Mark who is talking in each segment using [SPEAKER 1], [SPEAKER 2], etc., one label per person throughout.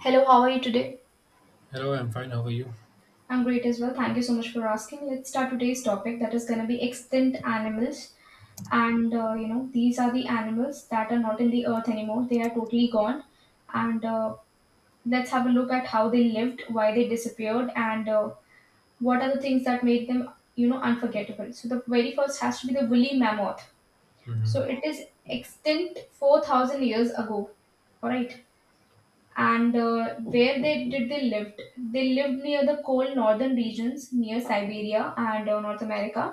[SPEAKER 1] Hello, how are you today?
[SPEAKER 2] Hello, I'm fine. How are you?
[SPEAKER 1] I'm great as well. Thank you so much for asking. Let's start today's topic that is going to be extinct animals. These are the animals that are not in the earth anymore. They are totally gone. And Let's have a look at how they lived, why they disappeared, and what are the things that made them unforgettable. So the very first has to be the woolly mammoth.
[SPEAKER 2] Hmm.
[SPEAKER 1] So it is extinct 4,000 years ago. All right. and Where they lived near the cold northern regions, near Siberia, and North America,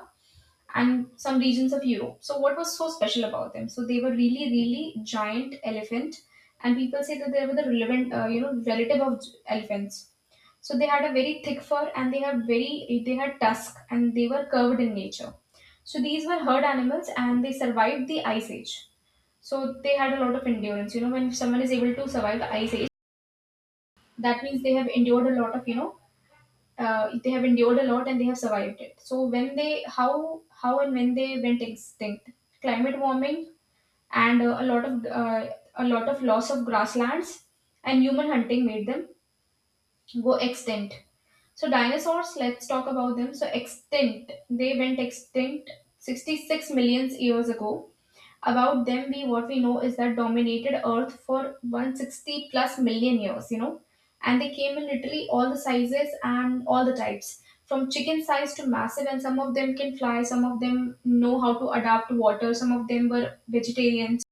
[SPEAKER 1] and some regions of Europe. So what was so special about them? So they were really, really giant elephant. And people say that they were the relevant relative of elephants. So they had a very thick fur, and they had tusk and they were curved in nature. So these were herd animals and they survived the Ice Age. So they had a lot of endurance when someone is able to survive the Ice Age, that means they have endured a lot of, they have endured a lot and they have survived it. So when they, how and when they went extinct? Climate warming, and a lot of, loss of grasslands, and human hunting made them go extinct. So dinosaurs, let's talk about them. So extinct they went extinct 66 millions years ago. About them, we what we know is that dominated earth for 160 plus million years. And they came in literally all the sizes and all the types, from chicken size to massive. And some of them can fly, some of them know how to adapt to water, some of them were vegetarians,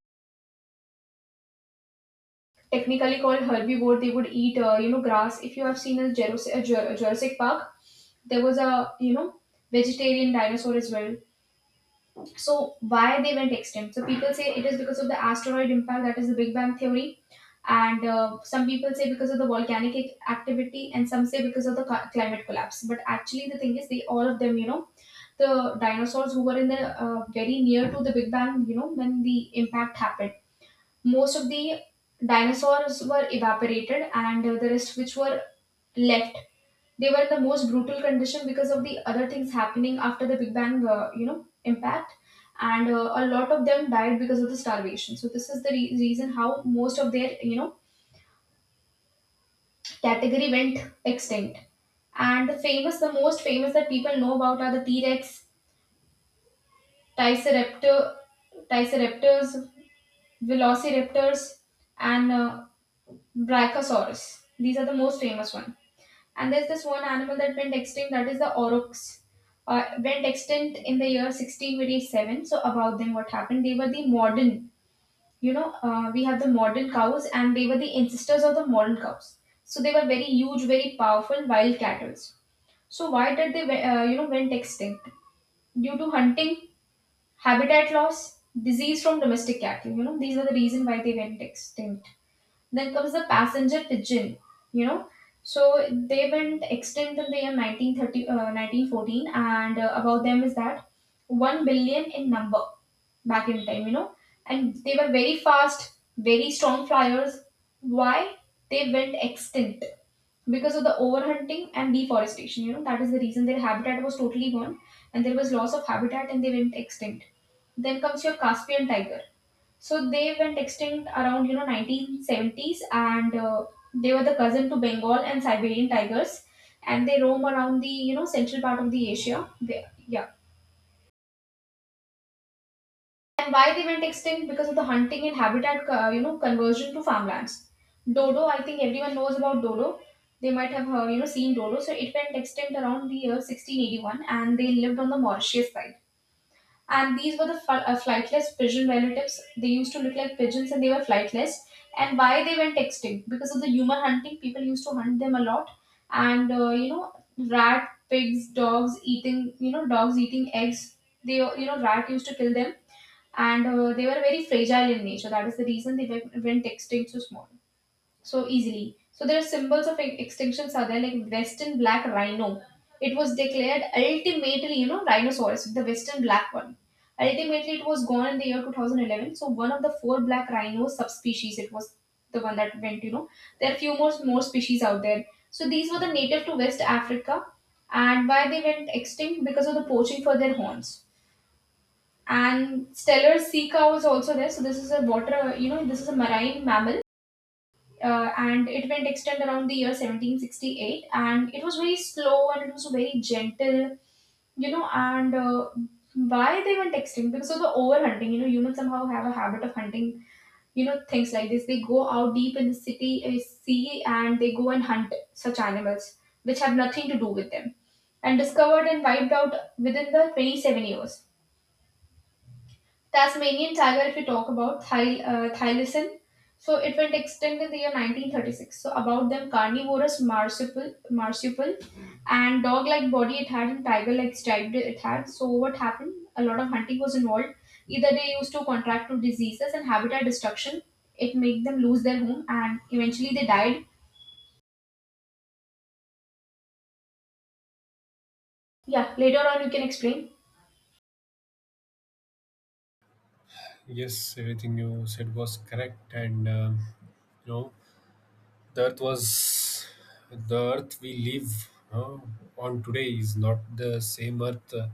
[SPEAKER 1] technically called herbivore. They would eat, grass. If you have seen a Jurassic Park, there was a you know vegetarian dinosaur as well. So why they went extinct? So people say it is because of the asteroid impact, that is the Big Bang theory, and some people say because of the volcanic activity, and some say because of the climate collapse. But actually, the thing is, they all of them, the dinosaurs who were in the very near to the Big Bang, when the impact happened, most of the dinosaurs were evaporated, and the rest which were left, they were in the most brutal condition because of the other things happening after the Big Bang impact. And a lot of them died because of the starvation. So this is the reason how most of their category went extinct. And the most famous that people know about are the T-Rex, triceraptor triceraptors, velociraptors, and brachiosaurus. These are the most famous ones. And there's this one animal that went extinct, that is the aurochs. Went extinct in the year 1687. So about them, what happened? They were the we have the modern cows, and they were the ancestors of the modern cows. So they were very huge, very powerful wild cattle. So why did they went extinct? Due to hunting, habitat loss, disease from domestic cattle. These are the reason why they went extinct. Then comes the passenger pigeon, you know. So they went extinct in the year 1930, 1914, and about them is that 1 billion in number back in time. And they were very fast, very strong flyers. Why? They went extinct because of the overhunting and deforestation. That is the reason their habitat was totally gone, and there was loss of habitat, and they went extinct. Then comes your Caspian tiger. So they went extinct around 1970s, and they were the cousin to Bengal and Siberian tigers, and they roam around the central part of the Asia. And why they went extinct? Because of the hunting and habitat conversion to farmlands. Dodo, I think everyone knows about dodo. They might have seen dodo. So it went extinct around the year 1681, and they lived on the Mauritius side. And these were the flightless pigeon relatives. They used to look like pigeons and they were flightless. And why they went extinct? Because of the human hunting, people used to hunt them a lot. And rat, pigs, dogs eating, eggs. Rat used to kill them, and they were very fragile in nature. That is the reason they went extinct so small so easily. So there are symbols of extinctions are there, like Western black rhino. It was declared ultimately, rhinoceros, the Western black one. Ultimately, it was gone in the year 2011. So one of the four black rhino subspecies, it was the one that went. There are more species out there. So these were the native to West Africa. And why they went extinct? Because of the poaching for their horns. And stellar sea cow is also there. So this is a this is a marine mammal, and it went extant around the year 1768, and it was very slow and it was very gentle and why they went extinct? Because of the overhunting. Humans somehow have a habit of hunting things like this. They go out deep in the city, sea, and they go and hunt such animals which have nothing to do with them, and discovered and wiped out within the 27 years. Tasmanian tiger, if you talk about thylacine, so it went extinct in the year 1936. So about them, carnivorous marsupial, and dog-like body it had, and tiger-like striped it had. So what happened? A lot of hunting was involved. Either they used to contract to diseases and habitat destruction. It made them lose their home, and eventually they died. Yeah, later on you can explain.
[SPEAKER 2] Yes, everything you said was correct, and you know the Earth was the Earth we live uh, on today is not the same Earth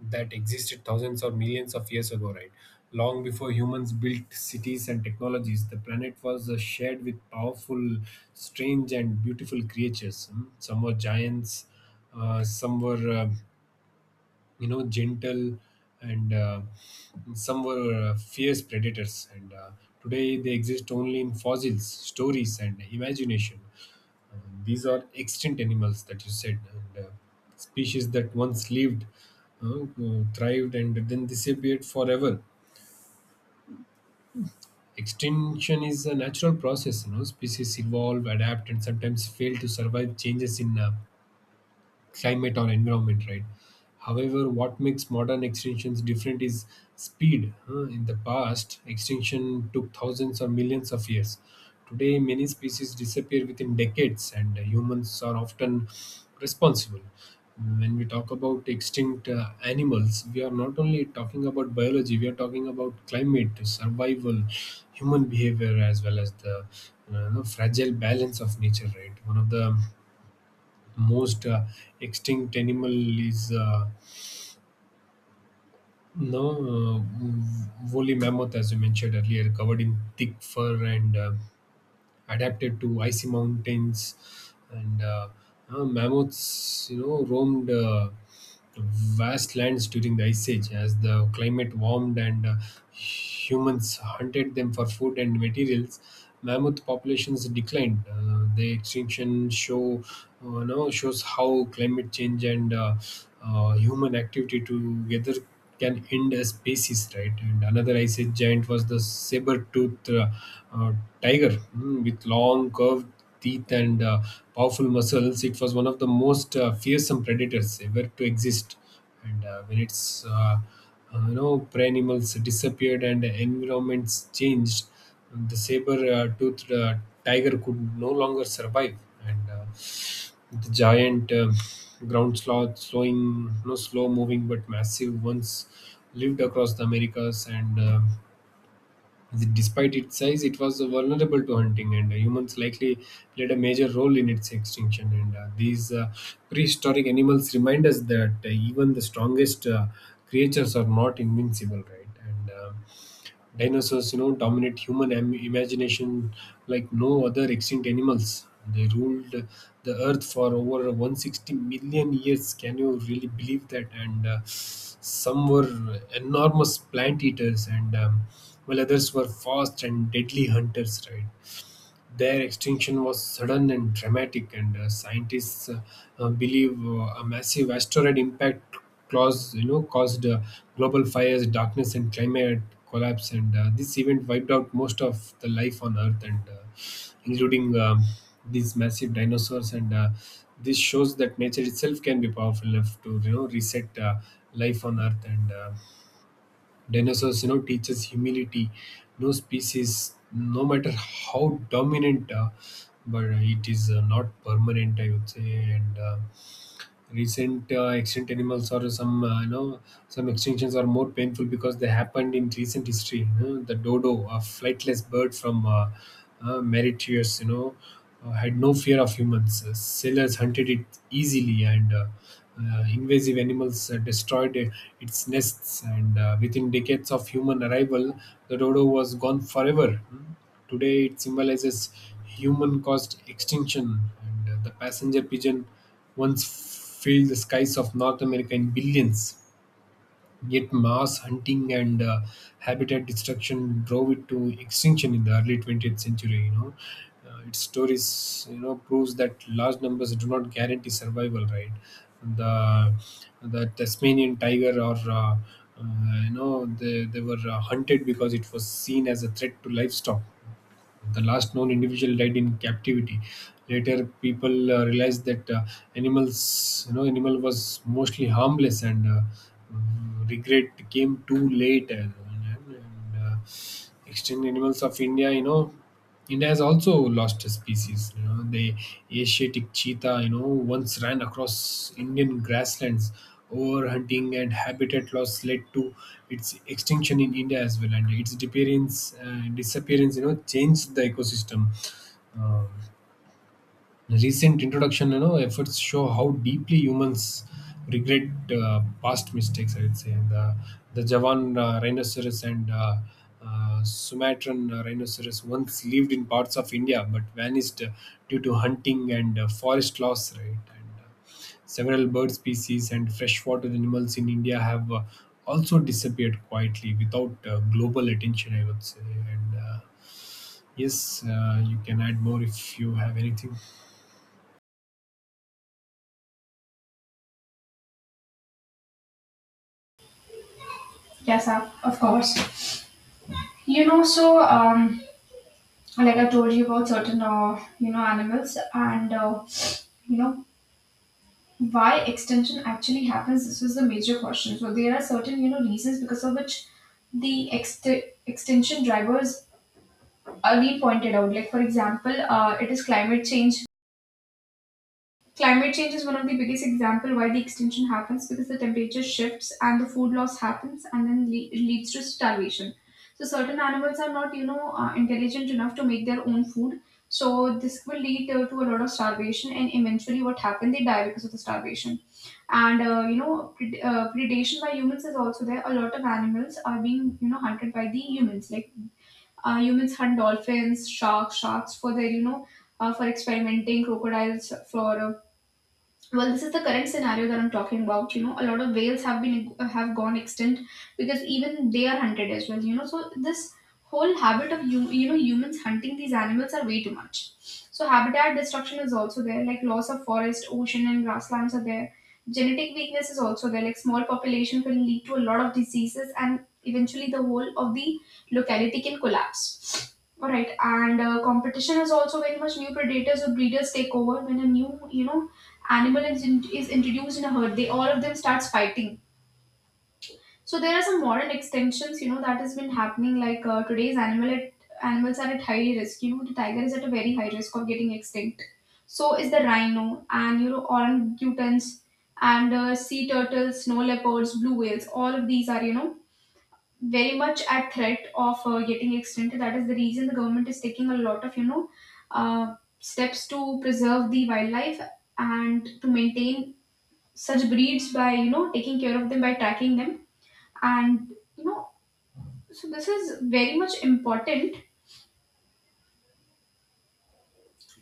[SPEAKER 2] that existed thousands or millions of years ago, right? Long before humans built cities and technologies, the planet was shared with powerful, strange, and beautiful creatures. Hmm? Some were giants, some were gentle and some were fierce predators and today they exist only in fossils, stories, and imagination. Uh, these are extinct animals that you said, and species that once lived, thrived, and then disappeared forever. Extinction is a natural process. You know, species evolve, adapt, and sometimes fail to survive changes in climate or environment, right? However, what makes modern extinctions different is speed. Huh? In the past, extinction took thousands or millions of years. Today, many species disappear within decades, and humans are often responsible. When we talk about extinct animals, we are not only talking about biology, we are talking about climate, survival, human behavior, as well as the fragile balance of nature, right? One of the most extinct animal is, no, woolly mammoth, as you mentioned earlier, covered in thick fur and adapted to icy mountains, and mammoths, roamed vast lands during the Ice Age. As the climate warmed and humans hunted them for food and materials, mammoth populations declined. The extinction show no, shows how climate change and human activity together can end a species, right? And another Ice Age giant was the saber-toothed uh, tiger, with long, curved teeth and powerful muscles. It was one of the most fearsome predators ever to exist. And when its prey animals disappeared and environments changed, the saber-toothed tiger could no longer survive. And the giant ground sloth, slowing, no slow moving but massive ones, lived across the Americas and. Despite its size, it was vulnerable to hunting, and humans likely played a major role in its extinction. And these prehistoric animals remind us that even the strongest creatures are not invincible, right? And dinosaurs, you know, dominate human imagination like no other extinct animals. They ruled the earth for over 160 million years. Can you really believe that? And some were enormous plant eaters, and while others were fast and deadly hunters, right? Their extinction was sudden and dramatic, and scientists believe a massive asteroid impact caused global fires, darkness, and climate collapse. And this event wiped out most of the life on Earth, and including these massive dinosaurs. And this shows that nature itself can be powerful enough to, you know, reset life on Earth. And dinosaurs, you know, teaches humility. No species, no matter how dominant, but it is, not permanent, I would say. And recent extinct animals, or some, some extinctions are more painful because they happened in recent history. You know, the dodo, a flightless bird from Mauritius, had no fear of humans. Sailors hunted it easily, and invasive animals destroyed its nests, and within decades of human arrival, the dodo was gone forever. Hmm. Today, it symbolizes human caused extinction, and the passenger pigeon once filled the skies of North America in billions. Yet, mass hunting and habitat destruction drove it to extinction in the early 20th century. Its stories, you know, proves that large numbers do not guarantee survival. Right, the Tasmanian tiger, or they were hunted because it was seen as a threat to livestock. The last known individual died in captivity. Later, people realized that, animal was mostly harmless, and regret came too late. And extinct animals of India, you know. India has also lost a species. You know, the Asiatic cheetah, you know, once ran across Indian grasslands. Overhunting and habitat loss led to its extinction in India as well, and its disappearance, you know, changed the ecosystem. Um, Recent introduction, you know, efforts show how deeply humans regret past mistakes, I would say. And the Javan rhinoceros and Sumatran rhinoceros once lived in parts of India, but vanished due to hunting and forest loss, right? And several bird species and freshwater animals in India have also disappeared quietly without global attention, I would say. And yes, you can add more if you have anything.
[SPEAKER 1] Yes, of course. So like I told you about certain animals, and you know why extinction actually happens, this was the major question. So there are certain reasons because of which the extinction drivers are being pointed out, like for example, it is climate change. Climate change is one of the biggest example why the extinction happens, because the temperature shifts and the food loss happens, and then it leads to starvation. So certain animals are not intelligent enough to make their own food. So this will lead to a lot of starvation, and eventually what happened, they die because of the starvation. And predation by humans is also there. A lot of animals are being hunted by the humans, like humans hunt dolphins, sharks for their for experimenting, crocodiles for well, this is the current scenario that I'm talking about. A lot of whales have gone extinct because even they are hunted as well. So this whole habit of humans hunting these animals are way too much. So habitat destruction is also there, like loss of forest, ocean, and grasslands are there. Genetic weakness is also there, like small population can lead to a lot of diseases, and eventually the whole of the locality can collapse. All right. And competition is also very much, new predators or breeders take over. When a new animal is introduced in a herd, they, all of them, starts fighting. So there are some modern extinctions, that has been happening. Like today's animals are at high risk. The tiger is at a very high risk of getting extinct, so is the rhino, and orangutans, and sea turtles, snow leopards, blue whales, all of these are very much at threat of getting extinct. That is the reason the government is taking a lot of uh, steps to preserve the wildlife, and to maintain such breeds by taking care of them, by tracking them, and so this is very much important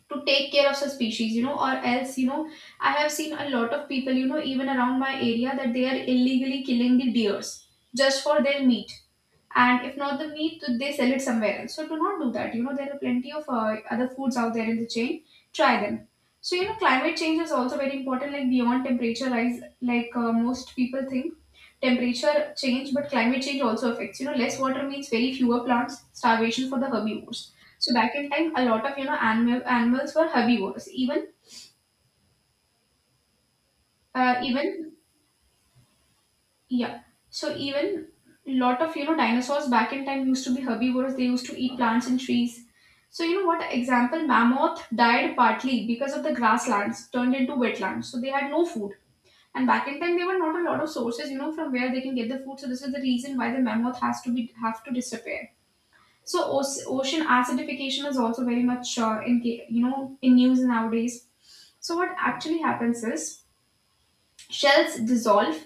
[SPEAKER 1] to take care of such species, or else, I have seen a lot of people, even around my area, that they are illegally killing the deers just for their meat. And if not the meat, they sell it somewhere else. So do not do that. There are plenty of Other foods out there in the chain. Try them. So you know climate change is also very important, like beyond temperature rise, like most people think temperature change, but climate change also affects, you know, less water means very fewer plants, starvation for the herbivores. So back in time, a lot of, you know, animals were herbivores even even. Yeah. So even lot of, you know, dinosaurs back in time used to be herbivores. They used to eat plants and trees. So you know what example? Mammoth died partly because of the grasslands turned into wetlands. So they had no food. And back in time, there were not a lot of sources, you know, from where they can get the food. So this is the reason why the mammoth has to be have to disappear. So ocean acidification is also very much in you know, in news nowadays. So what actually happens is shells dissolve,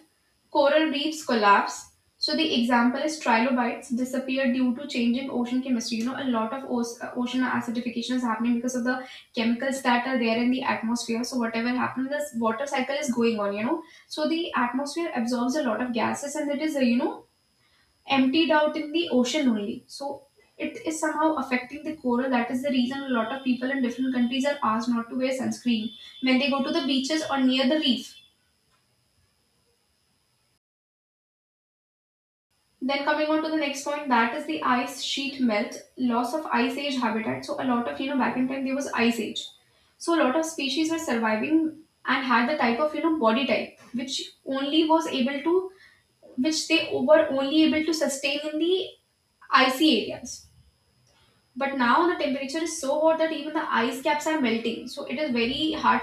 [SPEAKER 1] coral reefs collapse. So the example is trilobites disappear due to changing ocean chemistry. You know, a lot of ocean acidification is happening because of the chemicals that are there in the atmosphere. So whatever happens, this water cycle is going on. You know, so the atmosphere absorbs a lot of gases and it is you know, emptied out in the ocean only. So it is somehow affecting the coral. That is the reason a lot of people in different countries are asked not to wear sunscreen when they go to the beaches or near the reef. Then coming on to the next point, that is the ice sheet melt, loss of ice age habitat. So a lot of, you know, back in time there was ice age, so a lot of species were surviving and had the type of, you know, body type which only was able to, which they were only able to sustain in the icy areas. But now the temperature is so hot that even the ice caps are melting, so it is very hard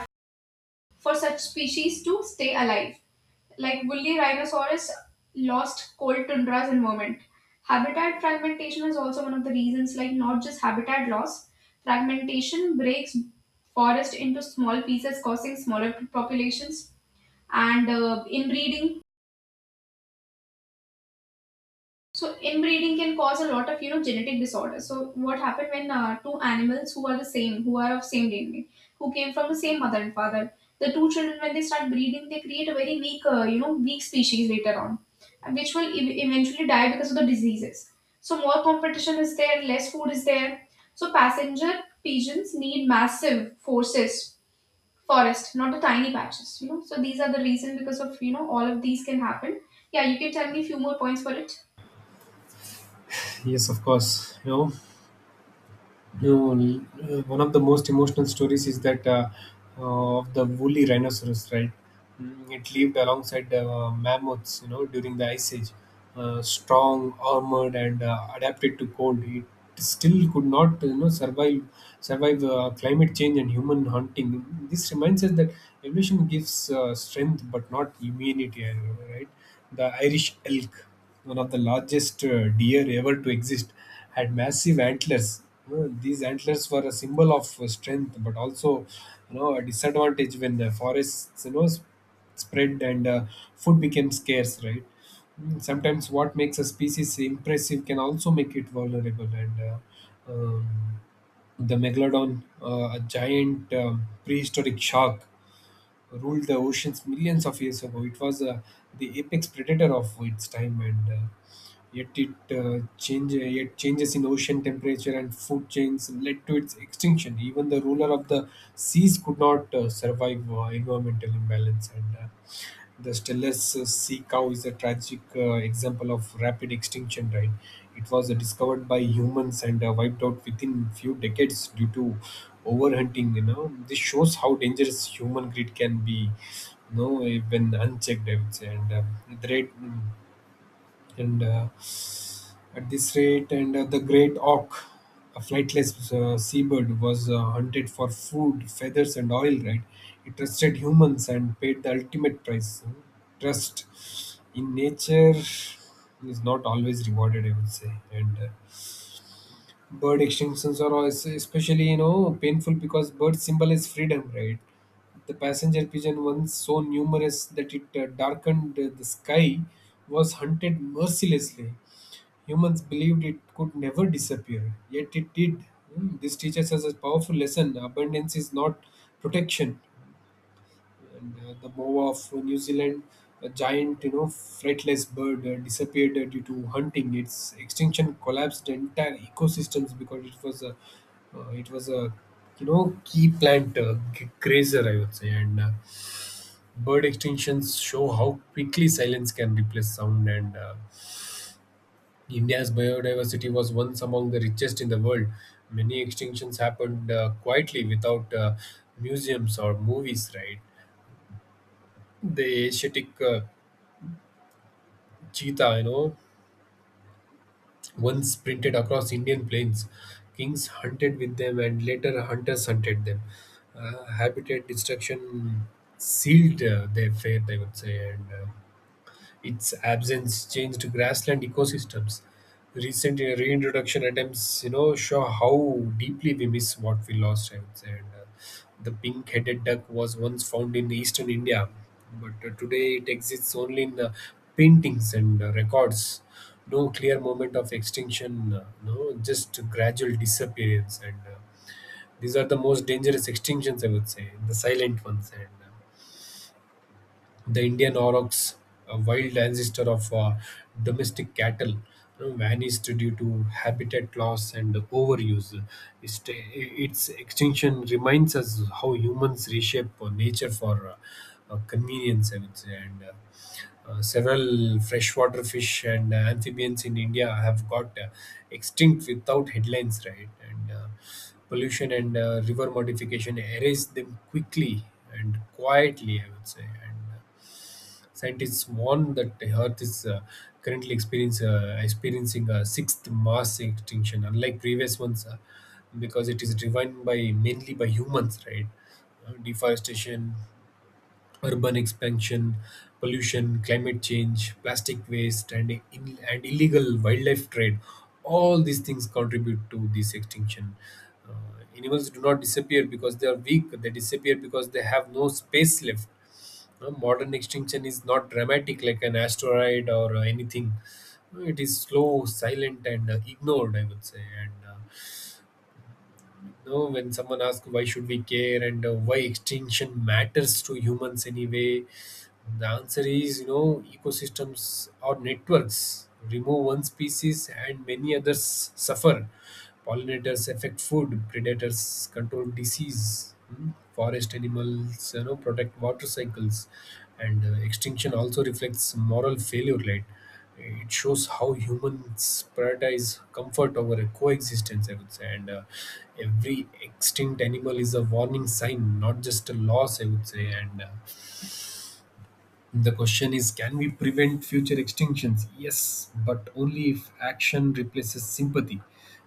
[SPEAKER 1] for such species to stay alive. Like woolly rhinoceros lost cold tundras environment. Habitat fragmentation is also one of the reasons, like not just habitat loss. Fragmentation breaks forest into small pieces, causing smaller populations and inbreeding. So inbreeding can cause a lot of, you know, genetic disorders. So what happened when two animals who are the same, who are of same DNA, who came from the same mother and father, the two children when they start breeding, they create a very weak you know, weak species later on, and which will eventually die because of the diseases. So more competition is there, less food is there. So passenger pigeons need massive forces, forest, not the tiny patches. You know, so these are the reason because of, you know, all of these can happen. Yeah, you can tell me a few more points for it.
[SPEAKER 2] Yes, of course. You know, you, one of the most emotional stories is that of the woolly rhinoceros, right? It lived alongside mammoths, you know, during the Ice Age. Strong, armored, and adapted to cold, it still could not, you know, survive climate change and human hunting. This reminds us that evolution gives strength but not immunity, right? The Irish elk, one of the largest deer ever to exist, had massive antlers. You know, these antlers were a symbol of strength, but also, you know, a disadvantage when the forests, you know, spread and food became scarce. Right. Sometimes what makes a species impressive can also make it vulnerable. And um, the megalodon, a giant, prehistoric shark, ruled the oceans millions of years ago. It was the apex predator of its time, and yet it, change yet changes in ocean temperature and food chains led to its extinction. Even the ruler of the seas could not survive environmental imbalance, and the Stelis sea cow is a tragic example of rapid extinction, right? It was discovered by humans and wiped out within few decades due to overhunting, you know. This shows how dangerous human greed can be, when unchecked, I would say. The rate, mm, and at this rate, and the great auk, a flightless seabird, was hunted for food, feathers, and oil, right? It trusted humans and paid the ultimate price. Trust in nature is not always rewarded, I would say. And bird extinctions are also especially, you know, painful because bird symbolize freedom, right? The passenger pigeon, once so numerous that it darkened the sky, was hunted mercilessly. Humans believed it could never disappear, yet it did. Hmm. This teaches us a powerful lesson: abundance is not protection. And the boa of New Zealand, a giant, you know, fretless bird, disappeared due to hunting. Its extinction collapsed entire ecosystems because it it was a, you know, key plant, grazer, I would say. And bird extinctions show how quickly silence can replace sound, and India's biodiversity was once among the richest in the world. Many extinctions happened quietly without museums or movies, right? The Asiatic cheetah, you know, once sprinted across Indian plains. Kings hunted with them, and later hunters hunted them. Habitat destruction sealed their fate, I would say, and its absence changed grassland ecosystems. Recent reintroduction attempts, you know, show how deeply we miss what we lost, I would say. And the pink-headed duck was once found in eastern India, but today it exists only in paintings and records. No clear moment of extinction, no, just gradual disappearance. And these are the most dangerous extinctions, I would say, the silent ones. And the Indian aurochs, a wild ancestor of domestic cattle, you know, vanished due to habitat loss and overuse. Its extinction reminds us how humans reshape nature for convenience, I would say. And several freshwater fish and amphibians in India have got extinct without headlines, right? And pollution and river modification erase them quickly and quietly, I would say. And scientists warn that the Earth is currently experiencing a sixth mass extinction, unlike previous ones, because it is driven by mainly by humans, right? Deforestation, urban expansion, pollution, climate change, plastic waste, and illegal wildlife trade. All these things contribute to this extinction. Uh, Animals do not disappear because they are weak. They disappear because they have no space left. Modern extinction is not dramatic like an asteroid, or anything. No, it is slow, silent, and ignored, I would say. And you know, when someone asks why should we care, and why extinction matters to humans anyway, the answer is, you know, ecosystems or networks. Remove one species and many others suffer. Pollinators affect food, predators control disease, hmm, forest animals, you know, protect water cycles, and extinction also reflects moral failure, right? It shows how humans prioritize comfort over a coexistence, I would say, and every extinct animal is a warning sign, not just a loss, I would say, and the question is, can we prevent future extinctions? Yes, but only if action replaces sympathy.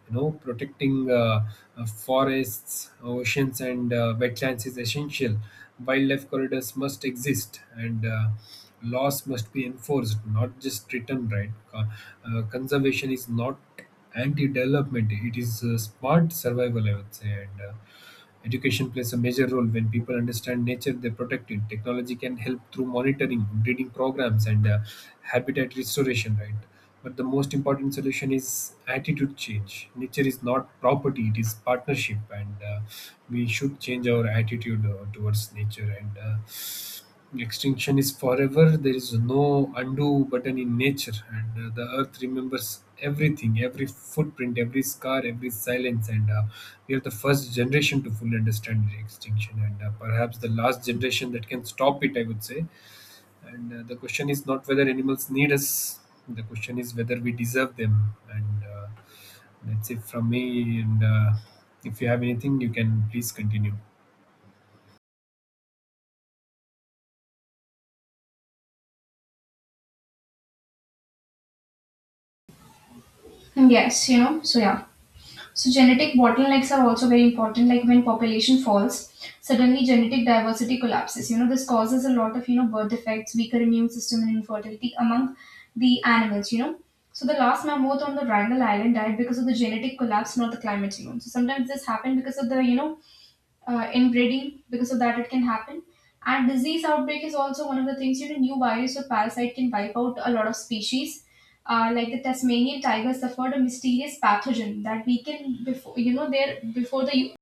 [SPEAKER 2] You know, protecting, forests, oceans, and wetlands is essential. Wildlife corridors must exist, and laws must be enforced, not just written, right. Conservation is not anti-development, it is smart survival, I would say, and education plays a major role. When people understand nature, they protect it. Technology can help through monitoring, breeding programs, and habitat restoration, right. But the most important solution is attitude change. Nature is not property, it is partnership, and we should change our attitude towards nature, and extinction is forever. There is no undo button in nature, and the earth remembers everything: every footprint, every scar, every silence. And we are the first generation to fully understand the extinction, and perhaps the last generation that can stop it, I would say. And the question is not whether animals need us, the question is whether we deserve them. And that's it from me. And if you have anything, you can please continue.
[SPEAKER 1] Yes, you know, so yeah. So genetic bottlenecks are also very important. Like when population falls, suddenly genetic diversity collapses. You know, this causes a lot of, you know, birth defects, weaker immune system, and infertility among the animals. You know, so the last mammoth on the Wrangel Island died because of the genetic collapse, not the climate change. So sometimes this happened because of the, you know, inbreeding. Because of that, it can happen. And disease outbreak is also one of the things. You know, new virus or parasite can wipe out a lot of species like the Tasmanian tiger suffered a mysterious pathogen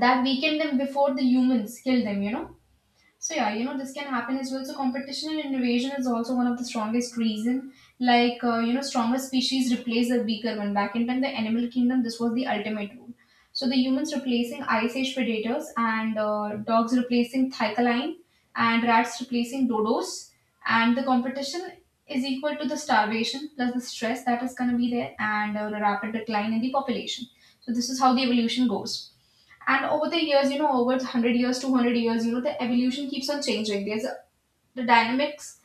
[SPEAKER 1] that weakened them before the humans killed them, you know. So yeah, you know, this can happen as well. So competition and innovation is also one of the strongest reason. Like you know, stronger species replace the weaker one. Back in time, the animal kingdom, this was the ultimate rule. So the humans replacing ice age predators, and dogs replacing thylacine, and rats replacing dodos, and the competition is equal to the starvation plus the stress that is going to be there, and the rapid decline in the population. So this is how the evolution goes. And over the years, you know, over 100 years, 200 years, you know, the evolution keeps on changing. The dynamics,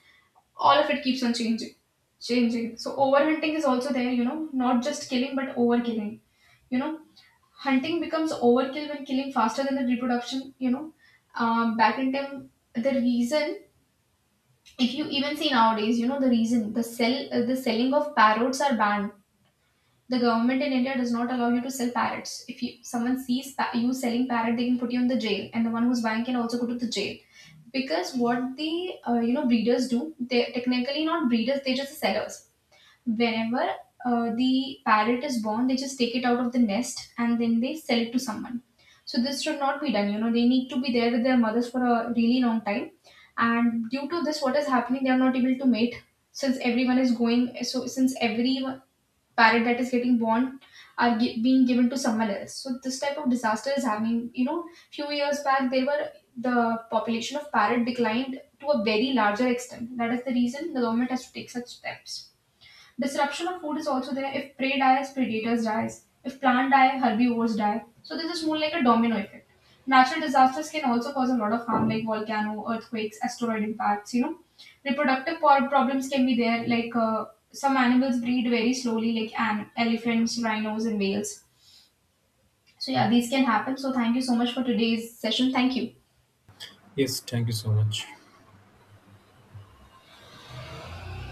[SPEAKER 1] all of it keeps on changing. So overhunting is also there, you know, not just killing but overkilling. You know, hunting becomes overkill when killing faster than the reproduction, you know. Back in time, the reason, if you even see nowadays, you know, the reason, the selling of parrots are banned. The government in India does not allow you to sell parrots. If you, someone sees you selling parrot, they can put you in the jail, and the one who's buying can also go to the jail. Because what the you know, breeders do, they technically not breeders, they're just sellers. Whenever the parrot is born, they just take it out of the nest and then they sell it to someone. So this should not be done. You know, they need to be there with their mothers for a really long time, and due to this, what is happening? They are not able to mate since every parent that is getting born are being given to someone else. So this type of disaster is having, you know, few years back they were, the population of parrot declined to a very larger extent. That is the reason the government has to take such steps. Disruption of food is also there. If prey dies, predators dies. If plant die, herbivores die. So this is more like a domino effect. Natural disasters can also cause a lot of harm, like volcano, earthquakes, asteroid impacts. You know, reproductive problems can be there. Like some animals breed very slowly, like elephants, rhinos, and whales. So yeah, these can happen. So thank you so much for today's session. Thank you.
[SPEAKER 2] Yes, thank you so much.